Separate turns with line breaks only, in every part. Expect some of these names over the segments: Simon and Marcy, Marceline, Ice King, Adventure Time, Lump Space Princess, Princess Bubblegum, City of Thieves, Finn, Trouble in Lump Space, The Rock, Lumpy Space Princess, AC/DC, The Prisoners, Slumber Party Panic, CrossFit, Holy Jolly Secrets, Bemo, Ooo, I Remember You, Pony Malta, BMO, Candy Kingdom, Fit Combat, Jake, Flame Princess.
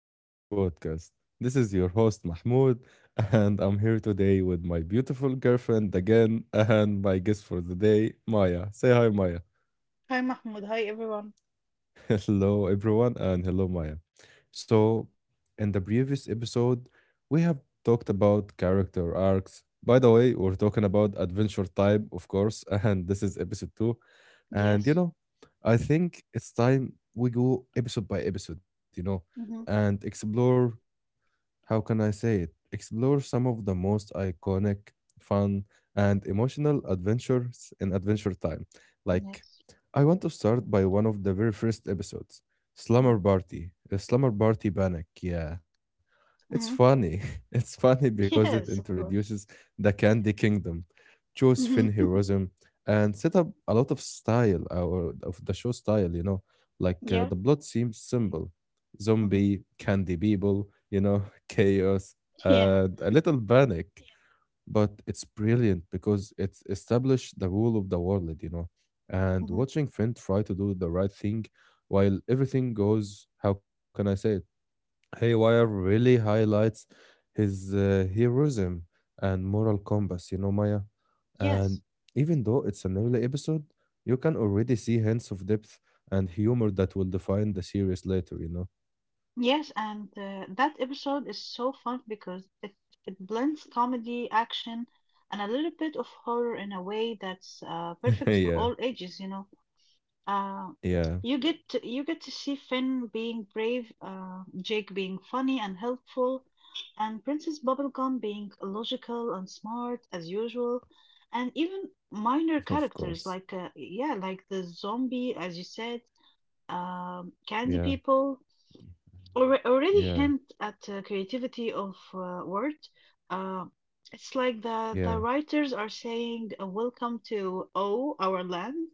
back to our podcast. This is your host, Mahmoud, and I'm here today with my beautiful girlfriend again, and my guest for the day, Maya. Say hi, Maya.
Hi Mahmoud, hi everyone.
Hello, everyone, and hello, Maya. So, in the previous episode, we have talked about character arcs. By the way, we're talking about adventure time, of course, and this is episode two. And you know,
Yes.
I think it's time we go episode by episode,
Mm-hmm.
and explore how can I say it? Explore some of the most iconic, fun, and emotional adventures in Adventure Time. Like I
Yes.
want to start by one of the very first episodes, Slumber Party Panic. Yeah, it's funny.
Mm-hmm.
It's funny because it
Yes,
introduces
of course.
the Candy Kingdom, shows Finn heroism,
Mm-hmm.
and set up a lot of style or of the show style. You know, like
Yeah.
the plot seems simple:
Mm-hmm.
zombie, candy people, chaos,
Yeah.
and a little panic, but it's brilliant because it's established the rule of the world, you know. And
Mm-hmm.
watching Finn try to do the right thing while everything goes, how can I say it? Haywire really highlights his heroism and moral compass, you know, Maya. And
Yes.
even though it's an early episode, you can already see hints of depth and humor that will define the series later, you know.
Yes, and that episode is so fun because it blends comedy, action, and a little bit of horror in a way that's perfect for all
Yeah,
ages, you know. Uh,
yeah,
you get to see Finn being brave, Jake being funny and helpful, and Princess Bubblegum being logical and smart as usual, and even minor
of
characters
course.
like yeah, like the zombie as you said, candy
Yeah,
people already hint
yeah,
at creativity of word. Uh, it's like the
yeah.
writers are saying, welcome to oh our land,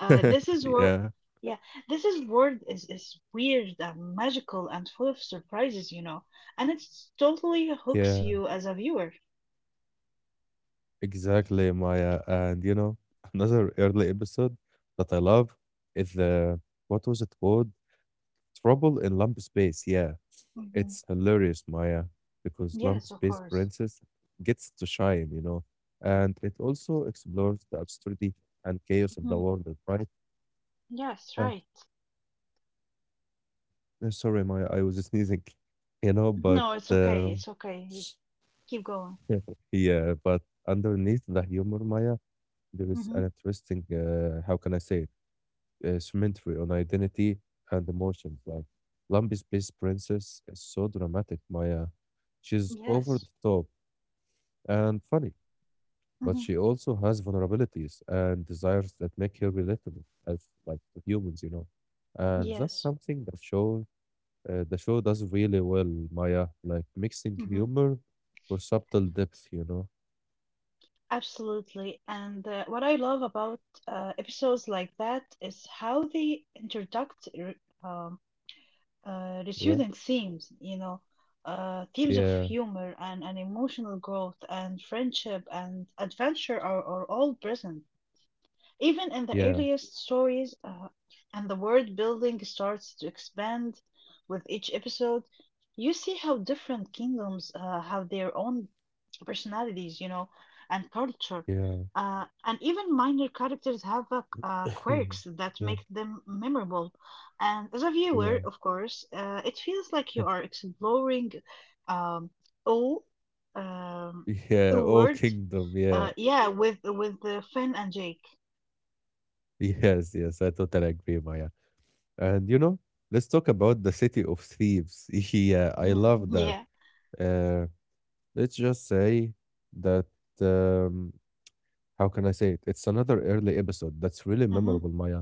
this is where,
yeah.
yeah, this is world is weird and magical and full of surprises, and it totally hooks
Yeah,
you as a viewer.
exactly, Maya. And you know, another early episode that I love is the what was it called? Trouble in Lump Space. Yeah,
Hmm.
it's hilarious, Maya, because Lump
Yes,
Space
of course.
Princess gets to shine, you know, and it also explores the absurdity and chaos of
Hmm.
the world, right?
Yes, right.
Uh, sorry, Maya, I was sneezing, you know,
No,
but
it's okay. It's okay. You Keep going.
yeah, but underneath the humor, Maya, there is
Hmm.
an interesting, how can I say it? Cemetery on identity and emotions. Like Lumpy's best Princess is so dramatic, Maya. She's
Yes.
over the top and funny, but
Hmm.
she also has vulnerabilities and desires that make her relatable as like to humans, you know. And that's
Yes.
something that show the show does really well, Maya. Like mixing
Hmm.
humor with subtle depth, you know.
Absolutely. And what I love about episodes like that is how they introduce the
Yeah,
student themes,
yeah,
themes of humor and emotional growth and friendship and adventure are all present. Even
yeah,
in the earliest stories, and the world building starts to expand with each episode, you see how different kingdoms have their own personalities, and culture.
yeah,
And even minor characters have quirks that
yeah,
make them memorable. And as a
yeah.
viewer, of course, it feels like you are exploring, um, all, um,
Yeah,
a
oh
word,
kingdom, yeah.
yeah, with Finn and Jake.
Yes, yes, I totally agree, Maya. And you know, let's talk about the city of thieves. Yeah, I love
Mm-hmm.
that.
Yeah.
Uh, let's just say that. Um, how can I say it? It's another early episode that's really memorable,
Mm-hmm.
Maya.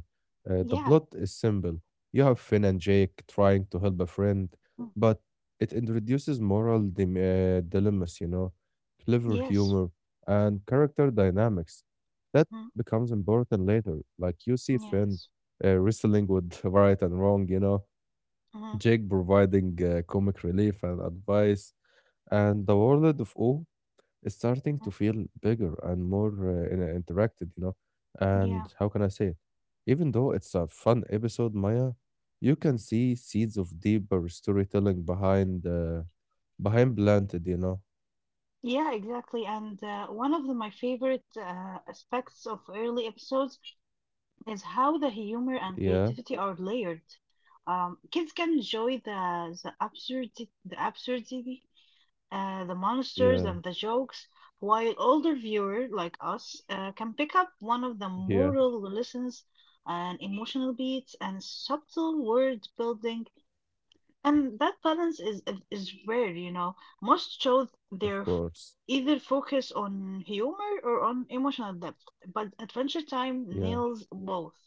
The
Yeah.
plot is simple. You have Finn and Jake trying to help a friend,
Mm.
but it introduces dilemmas, you know, clever
Yes.
humor, and character dynamics. That
Mm.
becomes important later. Like you see
Yes.
Finn wrestling with right and wrong, you know,
Mm-hmm.
Jake providing comic relief and advice, and the world of O is starting to feel
Mm-hmm.
bigger and more interacted, you know. And
Yeah.
how can I say it? Even though it's a fun episode, Maya, you can see seeds of deeper storytelling behind planted, you know.
Yeah, exactly. And one of my favorite aspects of early episodes is how the humor and
Yeah,
creativity are layered. Kids can enjoy the absurdity, the
yeah,
monsters and the jokes, while older viewers like us can pick up one of the
yeah,
moral lessons and emotional beats and subtle word building, and that balance is rare. Most shows,
of course.
either focus on humor or on emotional depth, but Adventure Time
Yeah,
nails both,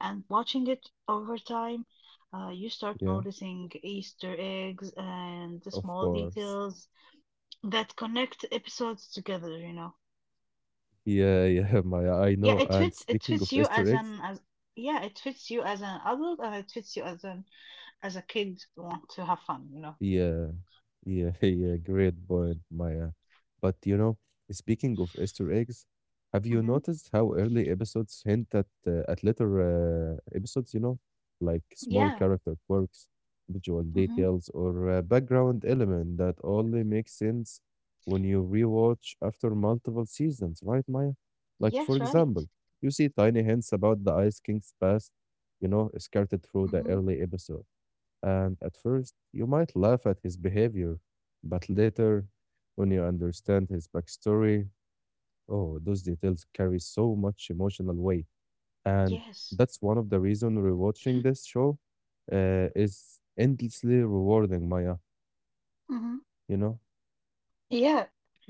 and watching it over time, you start
yeah,
noticing Easter eggs and the small
of
details
course.
that connect episodes together.
Yeah, yeah, Maya,
Yeah, it
I
fits
know.
it
And
fits you
speaking
as
of
an as,
Easter eggs,
yeah, it fits you as an adult and it fits you as an as a kid who want to have fun.
yeah, yeah, yeah, great point, Maya. But you know, speaking of Easter eggs, have you
Hmm.
noticed how early episodes hint at later episodes, you know, like small
Yeah.
character quirks, visual
Hmm.
details, or background element that only makes sense when you rewatch after multiple seasons, right, Maya? Like for example,
Yes, right.
you see tiny hints about the Ice King's past, you know, scattered through the
Hmm.
early episode, and at first, you might laugh at his behavior, but later, when you understand his backstory, oh, those details carry so much emotional weight. And
Yes.
that's one of the reasons rewatching this show is endlessly rewarding, Maya.
Hmm.
You know?
Yeah.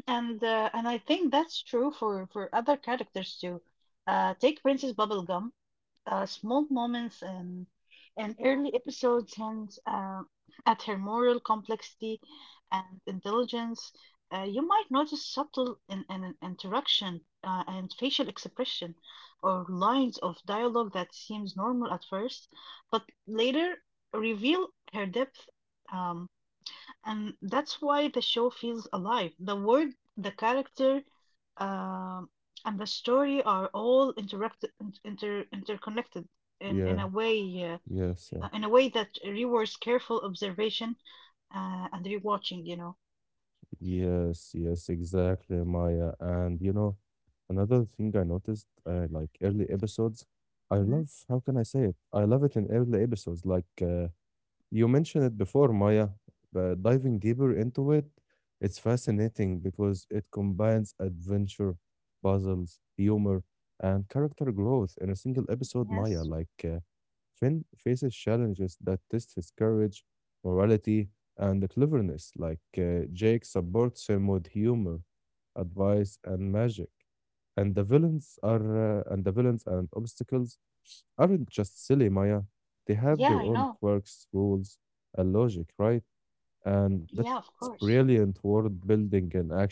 And I think that's true for other characters too. Take Princess Bubblegum. Small moments and an early episodes hints at her moral complexity and intelligence. You might notice subtle in an interaction and facial expression or lines of dialogue that seems normal at first, but later reveal her depth, um, and that's why the show feels alive. The world, the character, um, and the story are all interact inter interconnected in,
Yeah,
in a way, uh,
yes, yeah.
that rewards careful observation and rewatching.
Yes, yes, exactly, Maya. And you know, another thing I noticed, like early episodes, I love,
Hmm.
how can I say it? I love it in early episodes, like you mentioned it before, Maya, but diving deeper into it, it's fascinating because it combines adventure, puzzles, humor, and character growth in a single episode, Maya.
Yes.
Like, Finn faces challenges that test his courage, morality, and the cleverness, like Jake supports him with humor, advice, and magic. And the villains and obstacles aren't just silly, Maya. They have their
Yeah, I
own
know.
quirks, rules, and logic, right? And that's
Yeah, of course.
brilliant world building in action, you know?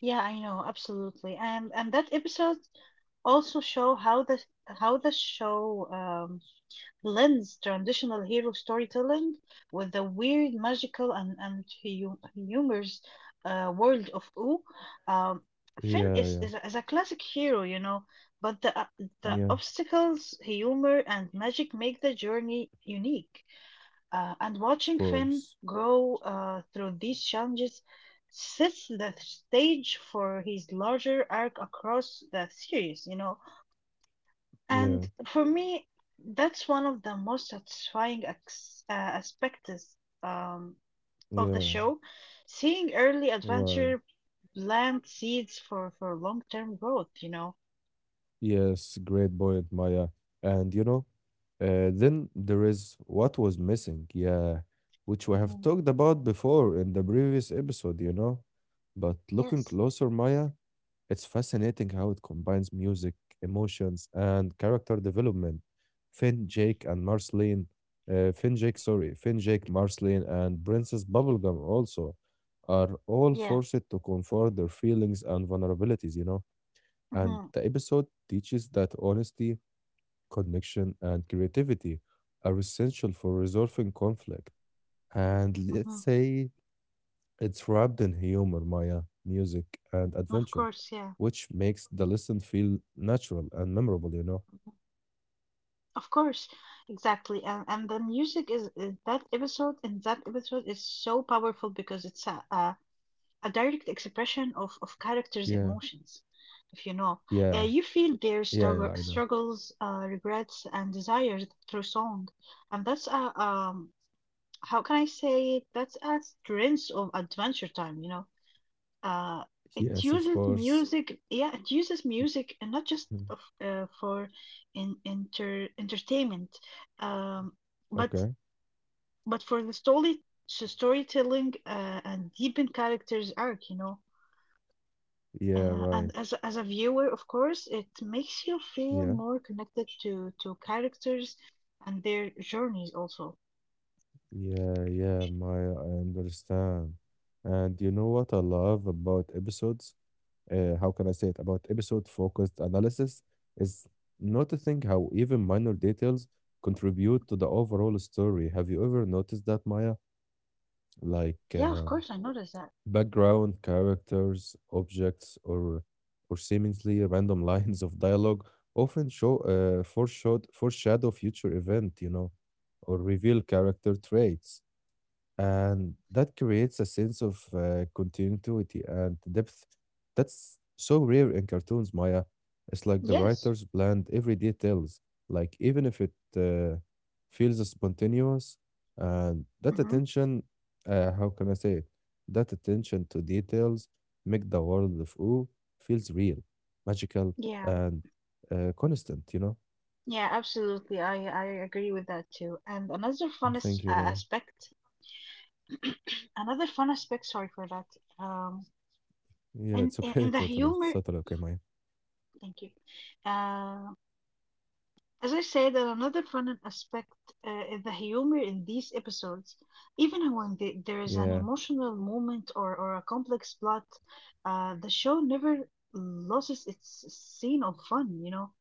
Yeah, I know, absolutely. And that episode also show how the show blends traditional hero storytelling with the weird, magical, and humorous, world of Oo. Um,
Yeah,
Finn
yeah,
is a classic hero, but the
yeah,
obstacles, humor, and magic make the journey unique. And
of
watching
course.
Finn grow through these challenges sets the stage for his larger arc across the series,
Yeah,
and for me, that's one of the most satisfying aspects, um, of the
yeah,
show. Seeing early
right.
adventure plant seeds for, long-term growth.
Yes, great point, Maya. And you know, then there is what was missing, yeah, which we have
Mhm.
talked about before in the previous episode, you know. But looking closer,
Yes.
Maya, it's fascinating how it combines music, emotions, and character development. Finn, Jake, and Marceline, Finn, Jake, sorry, Finn, Jake, Marceline, and Princess Bubblegum also are all forced to
Yeah.
comfort their feelings and vulnerabilities, you know, and the
Mm-hmm.
episode teaches that honesty, connection, and creativity are essential for resolving conflict. And let's
Mm-hmm.
say it's wrapped in humor, Maya, music, and adventure,
Of course, yeah.
which makes the listen feel natural and memorable, you know?
Of course, exactly. And the music is, that episode, in that episode is so powerful because it's a direct expression of characters'
Yeah,
emotions, if you know.
yeah,
You feel their
yeah, yeah, I know.
struggles, regrets, and desires through song. And how can I say it? That's a strength of Adventure Time, you know. Uh,
Yes, of
it
course.
uses music, yeah, and
Mm,
not just for entertainment, um,
okay.
but for the story, storytelling, and deepen characters' arc.
Yeah, right.
And as as a viewer, of course, it makes you
Yeah,
feel more connected to characters and their journeys also.
yeah, yeah, Maya, I understand. And you know what I love about episodes? How can I say it, about episode focused analysis is noticing how even minor details contribute to the overall story. Have you ever noticed that, Maya? Like,
Yeah, of course, I noticed that.
background characters, objects, or seemingly random lines of dialogue often show foreshadow future event, you know, or reveal character traits, and that creates a sense of continuity and depth. That's so rare in cartoons, Maya. It's like the writers
Yes.
planned every details, like even if it uh, feels spontaneous, and that
Mm-hmm.
attention, how can I say it? That attention to details make the world of O feels real, magical,
Yeah.
and constant, you know?
Yeah, absolutely. I agree with that too. And
Thank you, Maya.
another fun aspect, sorry for that. Um,
Yeah, it's okay,
and
totally.
in,
It's
in the
totally okay,
humor,
Maya.
thank you. Um, As I said, and another fun aspect is the humor in these episodes. Even when there
Yeah,
is an emotional moment, or a complex plot, the show never loses its scene of fun, you know,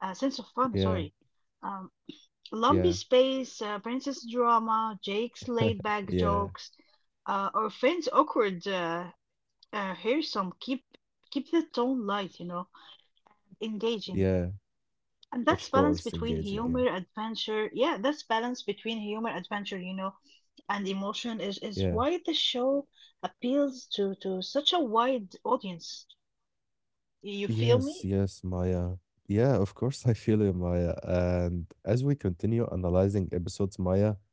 uh, sense of
yeah,
fun, sorry. Um,
yeah,
Lumpy Space, Princess Drama, Jake's laid back
yeah,
jokes, or Finn's awkward, uh, some keep the tone light,
yeah.
engaging. And
Of
that's
course,
balance between
engaging, yeah,
humor, adventure. Yeah, that's balance between humor, adventure, and emotion
yeah.
is why the show appeals to such a wide audience. You
Yes,
feel me?
yes, Maya. Yeah, of course, I feel you, Maya. And as we continue analyzing episodes, Maya,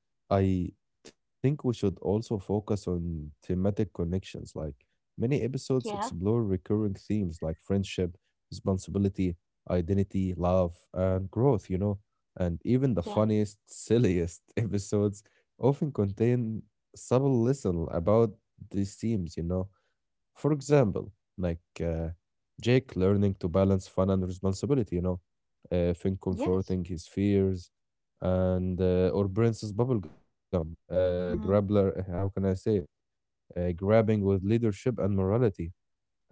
I think we should also focus on thematic connections. Like many episodes
Yeah,
explore recurring themes like friendship, responsibility, identity, love, and growth, you know. And even the
yeah,
funniest, silliest episodes often contain subtle lesson about these themes, you know, for example, like Jake learning to balance fun and responsibility, you know, Finn
yes.
comforting his fears, and or Princess Bubblegum,
Hmm.
how can I say it? Grabbing with leadership and morality.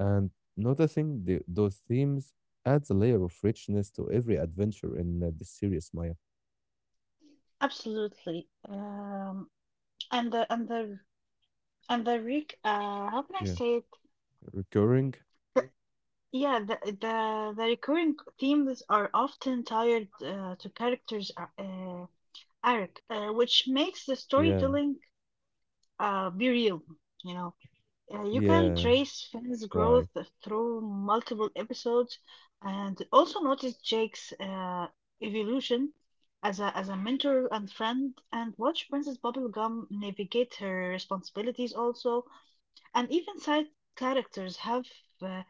And noticing those themes adds a layer of richness to every adventure in the series, Maya.
Absolutely. And the and the and the Rick, how can I
Yeah,
say it?
recurring.
The, yeah, the recurring themes are often tied to characters' arc, which makes the storytelling,
Yeah,
Be real, you know. You can
yeah,
trace Finn's growth
right.
through multiple episodes and also notice Jake's evolution as a mentor and friend and watch Princess Bubblegum navigate her responsibilities also. And even side characters uh,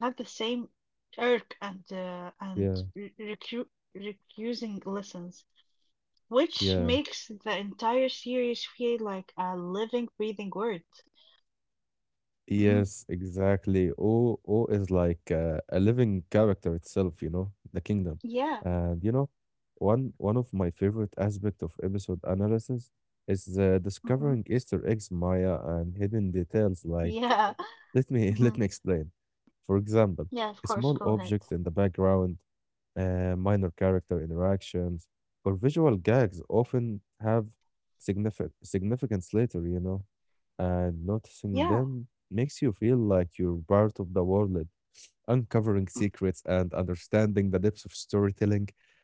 have the same arc and re-
Yeah,
recu recusing lessons, which makes
yeah.
the entire series feel like a living, breathing world. Mhm.
Yes, exactly. O O is like a living character itself, you know, the kingdom.
Yeah.
And you know, one of my favorite aspect of episode analysis is the
Mhm.
discovering Easter eggs, Maya, and hidden details. Like,
Yeah.
let me let me
Mhm.
explain. For example, a
Yeah,
small
of course, go
object in
ahead.
the background, minor character interactions, or visual gags often have significant significance later, you know, and noticing them
Yeah.
makes you feel like you're part of the world, like uncovering secrets
Mm.
and understanding the depths of storytelling.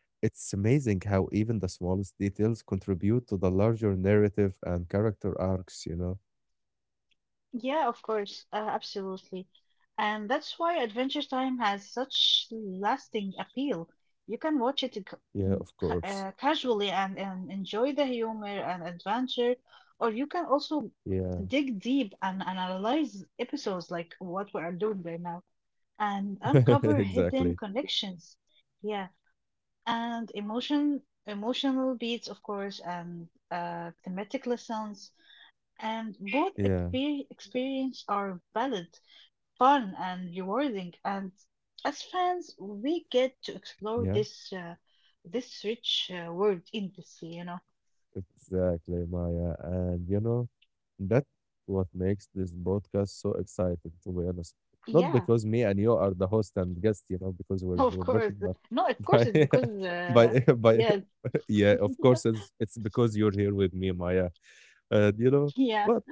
It's amazing how even the smallest details contribute to the larger narrative and character arcs, you know?
Yeah, of course. Absolutely. And that's why Adventure Time has such lasting appeal. You can watch it,
Yeah, of course.
casually, and enjoy the humor and adventure, or you can also
Yeah,
dig deep and analyze episodes like what we are doing right now and uncover
exactly.
hidden connections. Yeah. And emotional beats, of course, and thematic lessons, and both
Yeah,
experience are valid, fun and rewarding, and as fans we get to explore
yeah.
this rich, world endlessly.
Exactly, Maya. And you know, that's what makes this podcast so exciting, to be honest. Not because me
Yeah.
and you are the host and guest, you know, because we're we're
Of
perfect,
course.
but
No, of course
by
it's because
by by
yeah.
yeah, of course it's because you're here with me, Maya, and you know,
Yeah.
but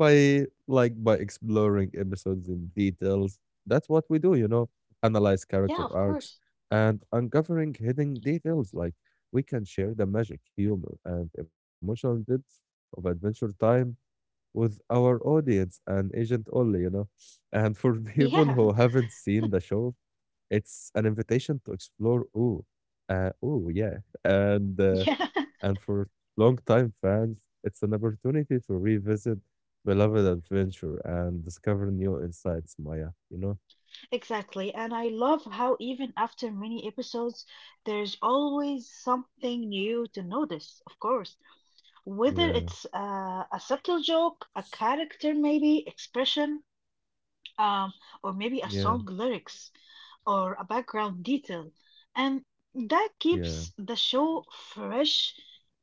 by exploring episodes in details, that's what we do, you know, analyze character
Yeah, of
arcs
course.
and uncovering hidden details, like we can share the magic humor and emotional depth of adventure time with our audience and agent only, you know. And for people
Yeah.
who haven't seen the show, it's an invitation to explore ooh, oh yeah, and uh,
Yeah.
and for long-time fans, it's an opportunity to revisit beloved adventure and discover new insights, Maya. You know?
Exactly. And I love how even after many episodes, there's always something new to notice, of course. Whether
Yeah,
it's a subtle joke, a character maybe, expression, um, or maybe
yeah,
a song lyrics or a background detail. And that
yeah,
keeps the show fresh,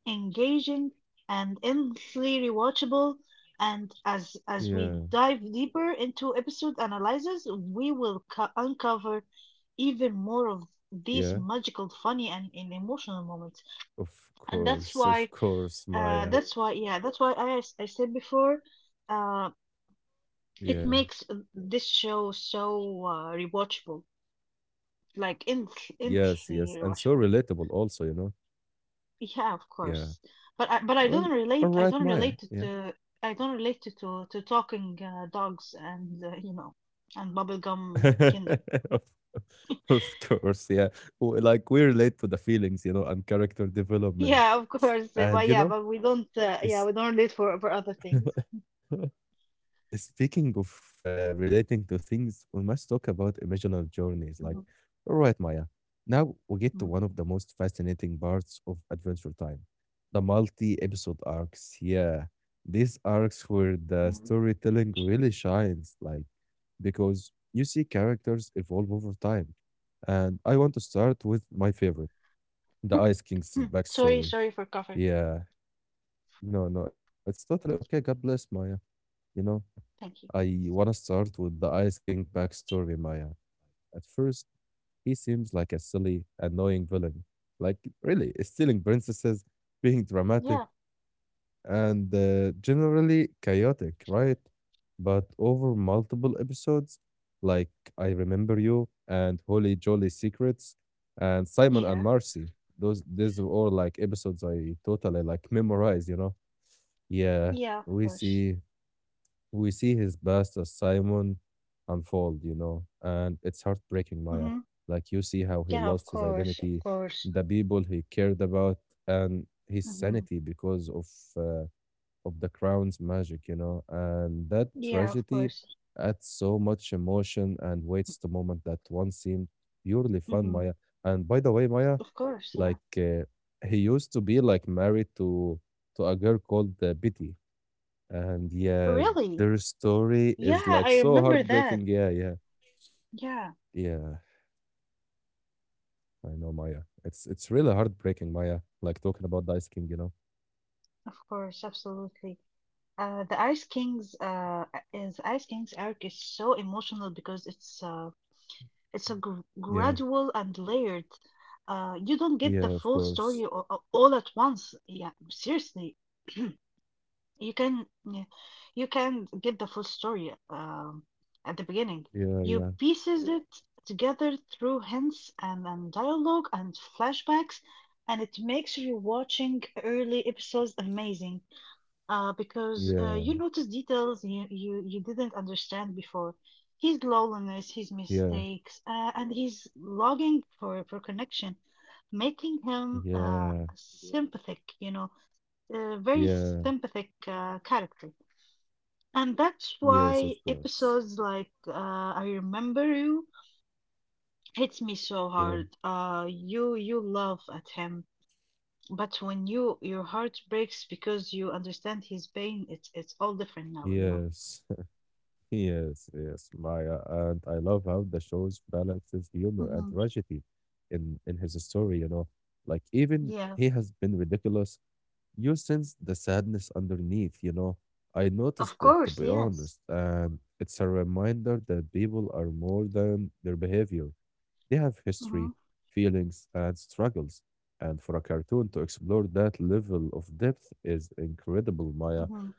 engaging, and endlessly rewatchable. And as
yeah,
we dive deeper into episode analyzes, we will uncover even more of these
yeah.
magical, funny, and emotional moments. And
Of course, Maya.
yeah, that's why I said before, uh,
Yeah,
it makes this show so rewatchable, like
yes, yes. And
endlessly
so
rewatchable.
relatable, also, you know?
Yeah, of
Yeah.
course. But I
Well,
don't
all
relate. I
right,
don't
Maya.
relate
Yeah.
to I don't relate to talking, dogs and you know and bubblegum kingdom.
of, of course, yeah. W- Like we relate to the feelings, you know, and character
Yeah, of
development.
course. But yeah,
And, you
but we
know,
don't. Yeah, we don't
it's
relate for other things.
speaking of relating to things, we must talk about emotional journeys. Like,
Mhm,
all right, Maya, now we get to one
mhm,
of the most fascinating parts of Adventure Time, the multi episode arcs. Yeah, these arcs where the
mhm.
storytelling really shines, like, because you see characters evolve over time. And I want to start with my favorite, the Ice King's
Sorry,
backstory.
sorry for coughing.
Yeah, no, no, it's totally okay. God bless Maya, you know. I
Thank you.
want to start with the Ice King backstory, Maya. At first, he seems like a silly, annoying villain. Like, really, stealing princesses, being dramatic,
Yeah,
and generally chaotic, right? But over multiple episodes, like I Remember You and Holy Jolly Secrets and Simon and
yeah,
Marcy, those these are all like episodes I totally like memorize, you know? Yeah,
yeah. Of
we
course.
see we see his past as Simon unfold, you know, and it's heartbreaking, Maya.
Hmm.
Like you see how he
Yeah,
lost
of
his
course, of
identity,
course.
the people he cared about, and his
Mm-hmm.
sanity because uh, of the crown's magic, you know, and that
Yeah,
tragedy
of course.
adds so much emotion and weights to moment that once seemed purely fun, Maya.
Hmm.
And by the way, Maya,
Of course, yeah.
like he used to be like married to a girl called Betty, and yeah, their
Really?
story is
Yeah,
like
I
so
remember that.
heartbreaking. Yeah, yeah,
Yeah,
yeah. I know Maya. It's really heartbreaking, Maya. Like talking about the Ice King, you know.
of course, absolutely. The Ice Kings arc is so emotional because it's a gr gradual
Yeah,
and layered. You don't get the full
yeah, of
story
course.
all at once. Yeah, seriously. You can yeah, you can get the full story, at the beginning. You
Yeah, yeah,
pieces it together through hints and dialogue and flashbacks, and it makes you watching early episodes amazing, because you notice
yeah,
details you didn't understand before. His loneliness, his
yeah,
mistakes, and his longing for connection, making him
yeah,
sympathetic, a very
yeah.
sympathetic, character. And that's
Yes, of
why
course.
episodes like, I Remember You, hits me so
Yeah,
hard. You love at him, but when your heart breaks because you understand his pain, it's all different now,
yes. Yes, yes, Maya, and I love how the shows balances humor and
Hmm.
tragedy in his story, you know. Like even
Yeah,
he has been ridiculous, you sense the sadness underneath, you know. I
of
noticed that to
course,
be honest,
yes.
and it's a reminder that people are more than their behavior. They have history,
Hmm.
feelings, and struggles. And for a cartoon to explore that level of depth is incredible, Maya.
Hmm.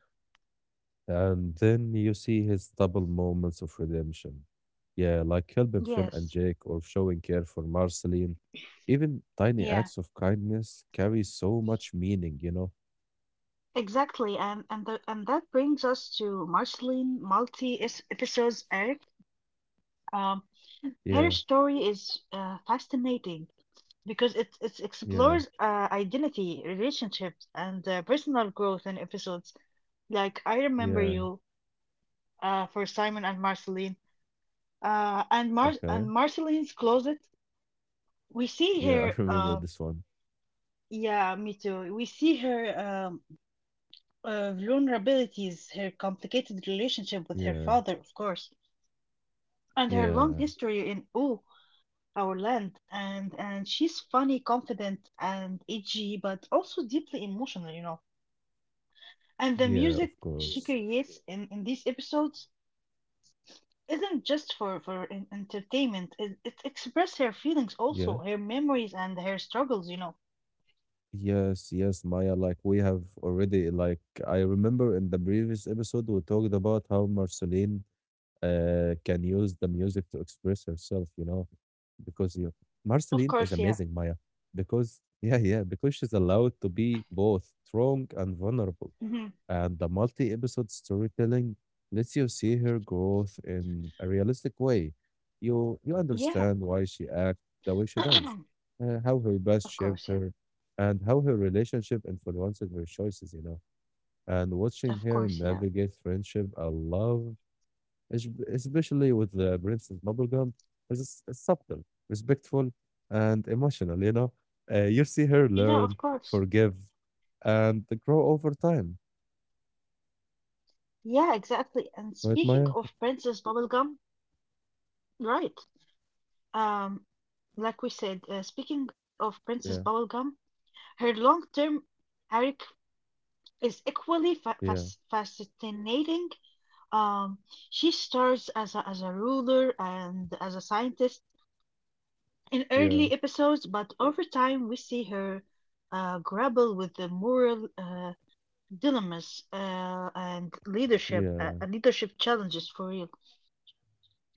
And then you see his double moments of redemption. Yeah, like helping Finn and
Yes,
Jake or showing care for Marceline. Even tiny
yeah,
acts of kindness carry so much meaning, you know?
exactly. And that brings us to Marceline multi is episodes, Eric. Um,
Yeah,
Her story is fascinating because it
yeah,
explores identity, relationships, and personal growth in episodes like I Remember
yeah.
You, for Simon and Marceline. Uh, and Mar
Okay.
and Marceline's Closet, we
Yeah,
see
I
her.
remember this one.
Yeah, me too. We see her vulnerabilities, her complicated
Yeah,
relationship with her father, of course,
yeah,
and her long history in. Oh, our land, and she's funny, confident, and edgy, but also deeply emotional, you know, and the
yeah, of
music
course.
she creates in these episodes isn't just for entertainment. It expresses her feelings,
Yeah.
also her memories and her struggles, you know.
Yes, yes, Maya. Like we have already, like I remember in the previous episode, we talked about how Marceline can use the music to express herself, you know, because you, Marceline is
Of course.
amazing,
Yeah.
Maya, because yeah, yeah, because she's allowed to be both strong and vulnerable
Hmm.
and the multi-episode storytelling lets you see her growth in a realistic way. You understand
Yeah.
why she acts the way she does, how her past
Of
shaped
course. Yeah,
her, and how her relationship influenced her choices. You know, and watching
of
her
course. Yeah,
navigate friendship and love, especially with the Princess Bubblegum, is subtle, respectful, and emotional. You know, you see her
yeah, of
learn,
course.
forgive, and grow over time.
Yeah, exactly. And
Right, Maya?
speaking of Princess Bubblegum, right. um like we said, speaking of Princess
Yeah.
Bubblegum, her long-term arc is equally
Yeah,
fascinating. Um, she starts as a ruler and as a scientist in
yeah,
early episodes, but over time we see her grapple with the moral dilemmas and leadership
yeah,
leadership challenges for real.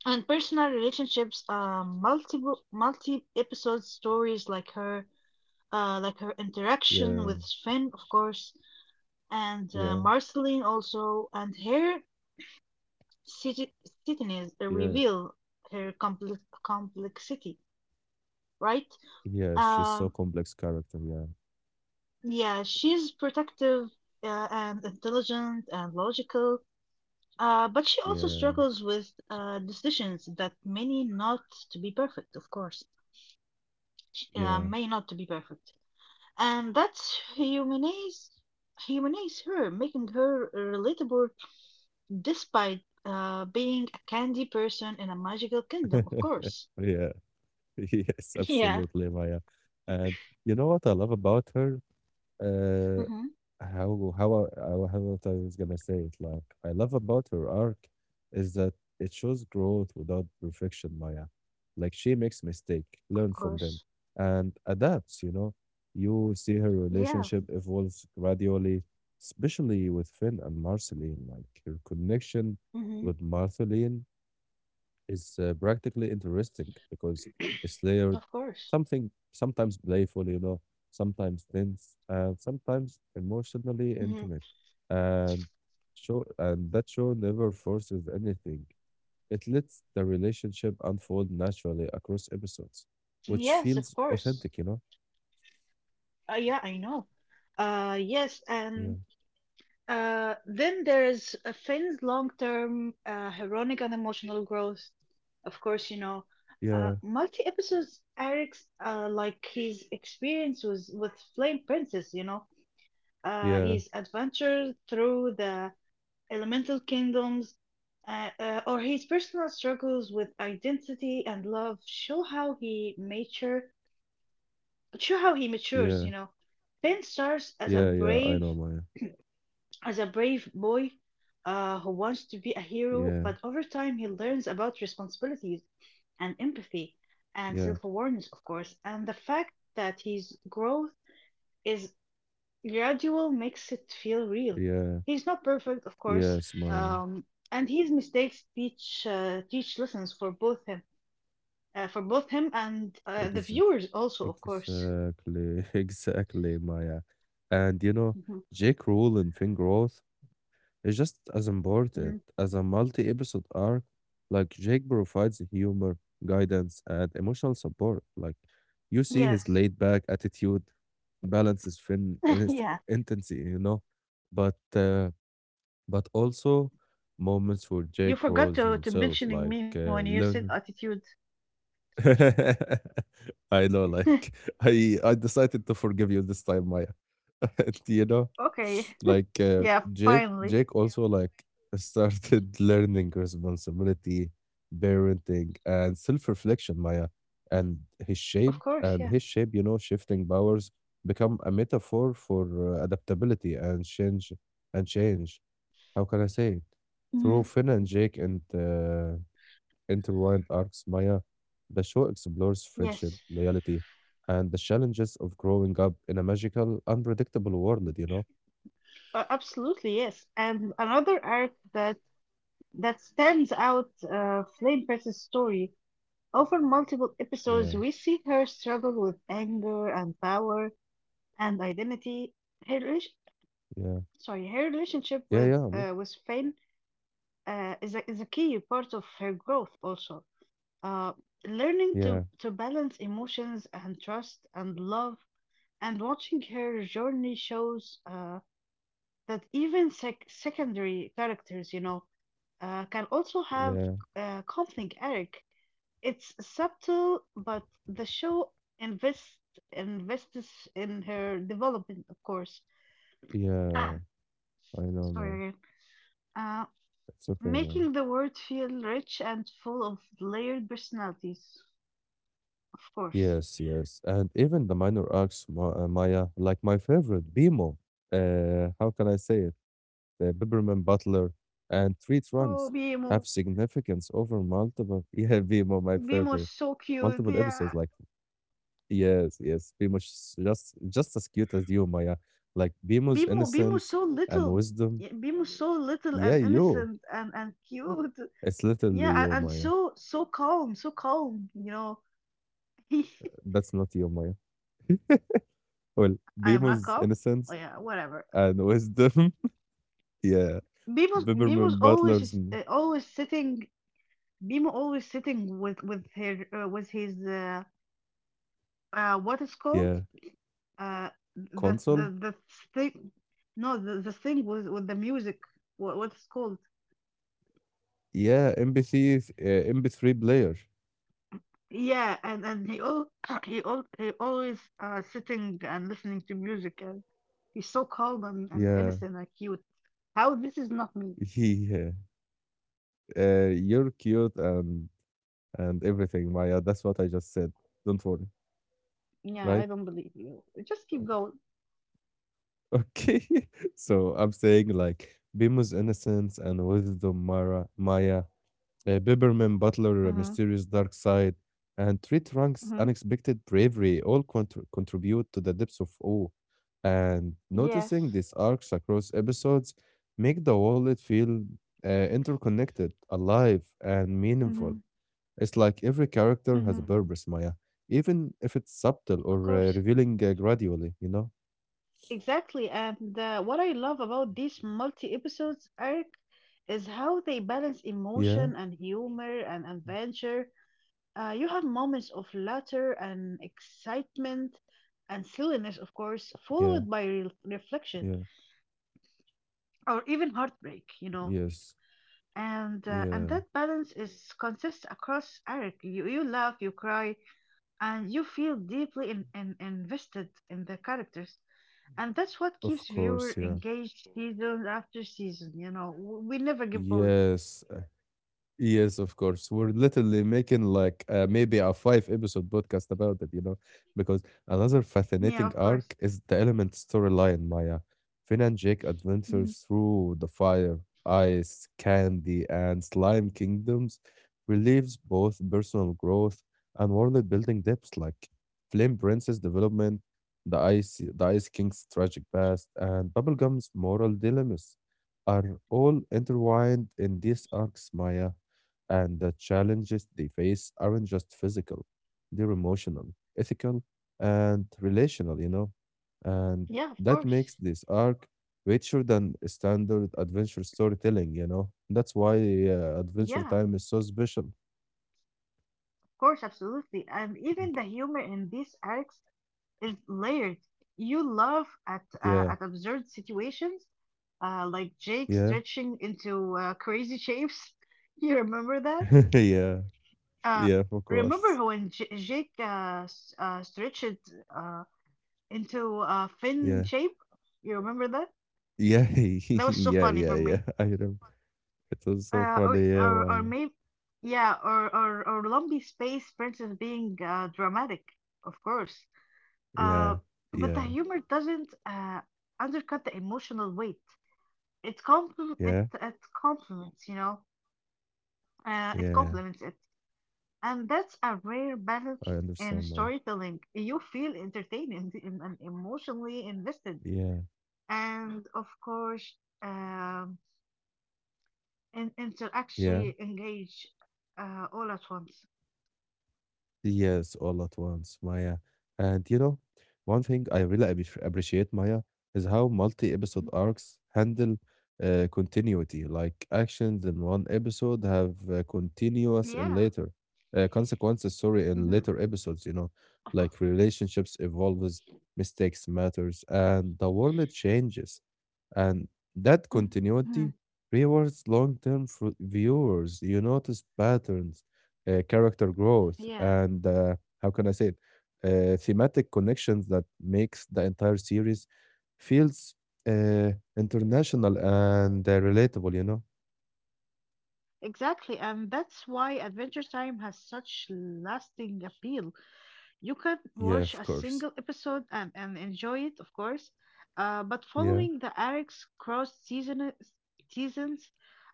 And personal relationships, multiple multi episode stories like her interaction
yeah,
with Finn, of course, and
yeah,
Marceline also, and her city
yeah,
cities reveal her complexity, right?
yeah. She's so
Um,
complex character. Yeah,
yeah, she's protective and intelligent and logical, but she also
yeah,
struggles with decisions that may not to be perfect, of course,
yeah,
may not to be perfect, and that's humanize humanize her, making her relatable despite being a candy person in a magical kingdom, of course.
yeah. Yes,
Yeah.
absolutely, Maya. And you know what I love about her? Uh,
Mm-hmm.
how I was gonna say it. Like I love about her arc is that it shows growth without perfection, Maya. Like she makes mistake, learn
Of
from them,
course.
and adapts. You know, you see her
Yeah.
relationship evolves gradually, especially with Finn and Marceline. Like her connection with
Mm-hmm.
Marceline is practically interesting because it's layered,
Of course.
something sometimes playful, you know, sometimes tense, and sometimes emotionally
Hmm.
intimate. And show and that show never forces anything. It lets the relationship unfold naturally across episodes, which feels
Yes, of
authentic, you
course.
know?
Yeah, I know. Yes,
Yeah.
and then there's Finn's long-term heroic and emotional growth. Of course, you know,
Yeah.
multi-episodes Eric's like his experience was with Flame Princess. You know,
Yeah.
his adventure through the elemental kingdoms, or his personal struggles with identity and love show how he mature show how he
Yeah.
matures, you know. Finn starts as
Yeah.
a
Yeah. I know,
brave
Maya.
boy who wants to be a
Yeah.
hero, but over time he learns about responsibilities and empathy
Yeah.
and self-awareness, of course. And the fact that his growth is gradual makes it feel real.
Yeah.
He's not perfect, of course.
Yes, Maya.
um, and his mistakes teach teach lessons for both him and
Ex-
the viewers also, of course.
Exactly, exactly, Maya. And you know,
Mhm.
Jake Rule in Finn Growth is just as
Mhm.
important
Mhm.
as a multi-episode arc. Like Jake provides humor, guidance, and emotional support. Like you see his
Yes.
laid-back attitude balances Finn in
Yeah.
his intensity, you know. But also moments where Jake
You
grows
forgot to
himself,
to
like
mentioning me when
learning
you said attitude.
I know, like I decided to forgive you this time, Maya. And, you know,
Okay.
like
Yeah,
uh,
finally,
Jake Jake also like started learning responsibility, parenting, and self-reflection, Maya. And his shape
of course, yeah.
his shape, you know, shifting powers become a metaphor for adaptability and change. How can I say it? Through
Mhm.
Finn and Jake and intertwined arcs, Maya, the show explores friendship,
Yes,
loyalty, and the challenges of growing up in a magical, unpredictable world, you know?
absolutely, yes. And another arc that stands out, Flame Press's story. Over multiple
Yeah,
episodes, we see her struggle with anger and power and identity. Her relation,
yeah,
her relationship
yeah, yeah, man.
with Finn is a key part of her growth. Also, uh, learning
Yeah,
to balance emotions and trust and love, and watching her journey shows that even secondary characters, you know, can also
yeah,
have conflict arc. It's subtle, but the show invests invests in her development, of course.
yeah.
Ah,
I know, man.
sorry again. Uh,
It's okay, man.
Making the world feel rich and full of layered personalities, of
Yes,
course.
yes. And even the minor arcs, Ma Maya, like my favorite, Bimo, how can I say it? The Biberman Butler and Three Trunks
Oh,
have
Bimo,
significance over multiple. Yeah, Bimo, my favorite.
Bimo so
Multiple
cute.
episodes, like
Yeah,
Yes, yes, Bemo's just as cute as you, Maya. Like Bemo's
Bimo, Bimo
innocence
so
and
little.
wisdom.
Yeah, Bimo so little
Yeah,
and
you.
innocent and cute.
It's literally you,
Yeah,
Maya.
and so calm, so calm. You know, I
That's not you, Maya. Well,
am not
Bemo's
calm.
innocence
Oh yeah, whatever.
and wisdom. yeah,
Mimo's
Biberman
Mimo's always
Butler's. m-
always sitting. Mimo always sitting with her with his what is
Yeah,
called, uh the
console.
thing. No, the thing with the music, what what's called.
Yeah, MP3, MP3 player.
Yeah, and he all he always sitting and listening to music, and he's so calm and
Yeah,
innocent and cute. How this is not me?
yeah. You're cute and everything, Maya. That's what I just said. Don't worry,
Yeah, I don't
right?
believe you, just keep going.
Okay. So I'm saying like Bemo's innocence and wisdom, Maya, Biberman Butler, mysterious
Mm-hmm.
dark side, and Three Trunks'
Mm-hmm.
unexpected bravery all contribute to the depths of awe. And
Yes.
noticing these arcs across episodes make the wallet feel interconnected, alive, and meaningful.
Mm-hmm.
It's like every character has a purpose, Maya, even if it's subtle or
Of course,
revealing gradually, you know?
exactly. And what I love about these multi episodes, Eric, is how they balance
Yeah,
emotion and humor and adventure. You have moments of laughter and excitement and silliness, of course,
yeah,
followed by
yeah.
reflection or even heartbreak, you know.
Yes. Yeah.
And that balance is consistent across Eric. You laugh, you cry, and you feel deeply invested in the characters. And that's what
Of
keeps
course.
viewer
Yeah.
engaged season after season, you know. We never get bored.
Yes. Yes, of course. We're literally making like maybe a five episode podcast about it, you know, because another
Yeah, of
fascinating
course.
arc is the element storyline, Maya. Finn and Jake
Mhm.
adventures through the fire, ice, candy, and slime kingdoms relieves both personal growth and world building depths like Flame Princess development, the Ice King's tragic past, and Bubblegum's moral dilemmas are all intertwined in these arcs, Maya and the challenges they face aren't just physical, they're emotional, ethical, and relational, you know. And
Yeah, of
that makes
course.
this arc richer than standard adventure storytelling, you know. That's why Adventure Time is
Yeah,
so special.
of course, absolutely. And even the humor in these arcs is layered. You laugh
Yeah,
at absurd situations, like Jake
yeah,
stretching into crazy shapes. You remember that?
yeah, yeah, of
Uh,
course.
Remember when J Jake stretched uh, into a
Yeah,
fin shape? You remember that?
yeah,
That was so
yeah,
funny
yeah,
for
yeah.
me.
I remember. It was so funny.
Or
Yeah, Maya.
maybe, yeah, or Lumpy Space Princess being dramatic, of course.
Yeah,
Uh, but
yeah,
the humor doesn't undercut the emotional weight. It compl it
yeah,
it complements, you know. It
yeah.
complements it, and that's a rare
I
balance in
understand, Maya.
storytelling. You feel entertained and emotionally invested,
Yeah,
and of course, And to
yeah.
actually engage, all at once.
Yes, all at once, Maya. And you know, one thing I really appreciate, Maya, is how
Mhm.
multi-episode arcs handle continuity. Like actions in one episode have continuous in later
Yeah.
consequences. Sorry, in later
Mhm. Exactly.
episodes, you know, like
Of course.
relationships evolves, mistakes matters, and the world changes, and that
Mhm.
continuity rewards long-term viewers. You notice patterns character growth
Yeah.
and how can I say it? Thematic connections that makes the entire series feels uh, international and relatable. You know?
Exactly. And that's why Adventure Time has such lasting appeal. You can
Yeah, of
watch a
course.
single episode and, enjoy it, of course. But
Yeah,
following the arcs cross seasons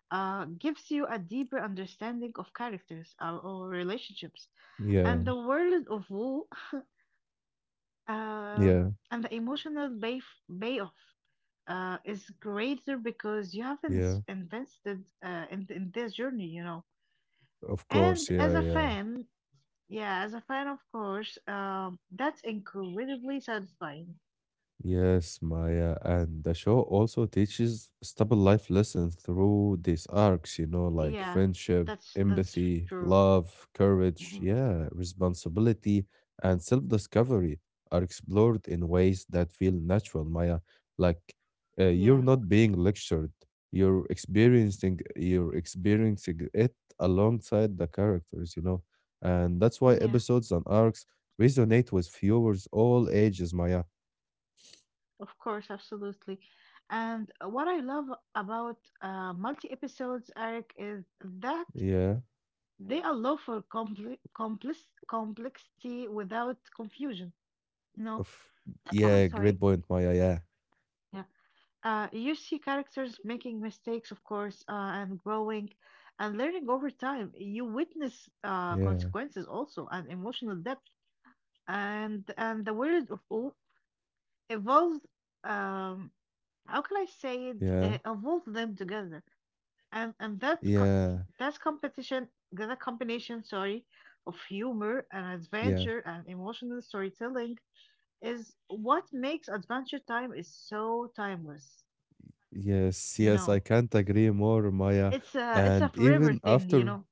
gives you a deeper understanding of characters or relationships
yeah,
and the world of Wu.
yeah,
Um, and the emotional payoff is greater because you have
yeah.
invested in this journey, you know.
Of course,
And
yeah,
as
yeah.
a fan, yeah, as a fan, of course, that's incredibly satisfying.
Yes, Maya, and the show also teaches stable life lessons through these arcs, you know, like
Yeah,
friendship,
that's
empathy,
true.
love, courage,
Mhm.
yeah, responsibility, and self-discovery are explored in ways that feel natural, Maya. Like
Yeah,
you're not being lectured, you're experiencing it alongside the characters, you know, and that's why episodes
yeah,
and arcs resonate with viewers all ages, Maya.
of course, absolutely. And what I love about multi episodes, Eric, is that.
Yeah.
They allow for complexity without confusion. You
Of
know,
yeah, great
sorry.
point, Maya. Yeah,
Yeah. You see characters making mistakes, of course, and growing and learning over time. You witness
yeah,
consequences also and emotional depth. And the world of O evolved. Um, how can I say it?
yeah,
Evolved them together. And
yeah,
that's a combination, sorry, of humor and
yeah.
adventure and emotional storytelling, is what makes Adventure Time is so timeless,
Yes,
you
yes, I
know.
can't agree more, Maya.
It's a, it's a
And
forever
even
thing, you
after,
know.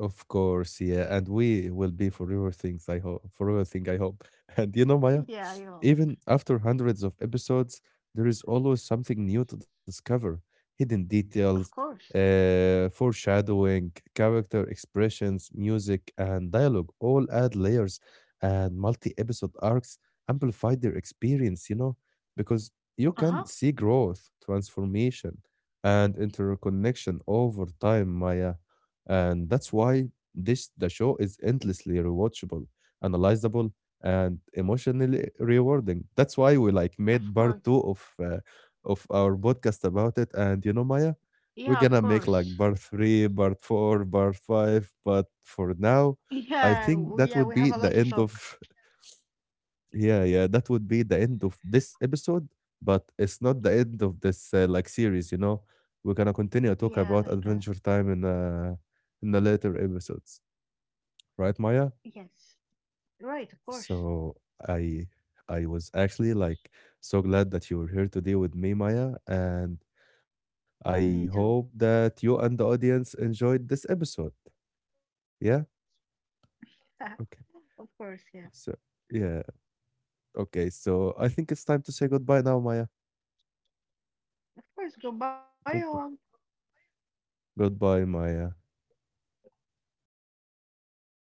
of course, yeah, and we will be forever things, I hope. Forever thing, I hope. And you know, Maya,
Yeah, yo.
even after hundreds of episodes, there is always something new to discover hidden
Of
details,
course.
foreshadowing, character expressions, music, and dialogue all add layers, and multi episode arcs amplify their experience, you know, because you
Uh-huh.
can see growth, transformation, and interconnection over time, Maya. And that's why this the show is endlessly rewatchable, analyzable, and emotionally rewarding. That's why we like
Of
made part
course.
two of our podcast about it. And you know, Maya, we're
Yeah,
gonna
of
make like
course.
part three, part four, part five. But for now, I think that would be
Yeah,
the
we have a
end
lot to
of
talk.
yeah, yeah. That would be the end of this episode. But it's not the end of this like series. You know, we're gonna continue to talk
Yeah,
about
I know.
Adventure Time in the later episodes, right, Maya?
Yes. Right, of course.
So I I was actually like so glad that you were here today with me, Maya, and
Me too.
I hope that you and the audience enjoyed this episode. Yeah? Okay.
Of course, yeah.
So yeah. Okay. So I think it's time to say goodbye now, Maya.
Of course, goodbye all.
Good, goodbye, Maya.
Goodbye.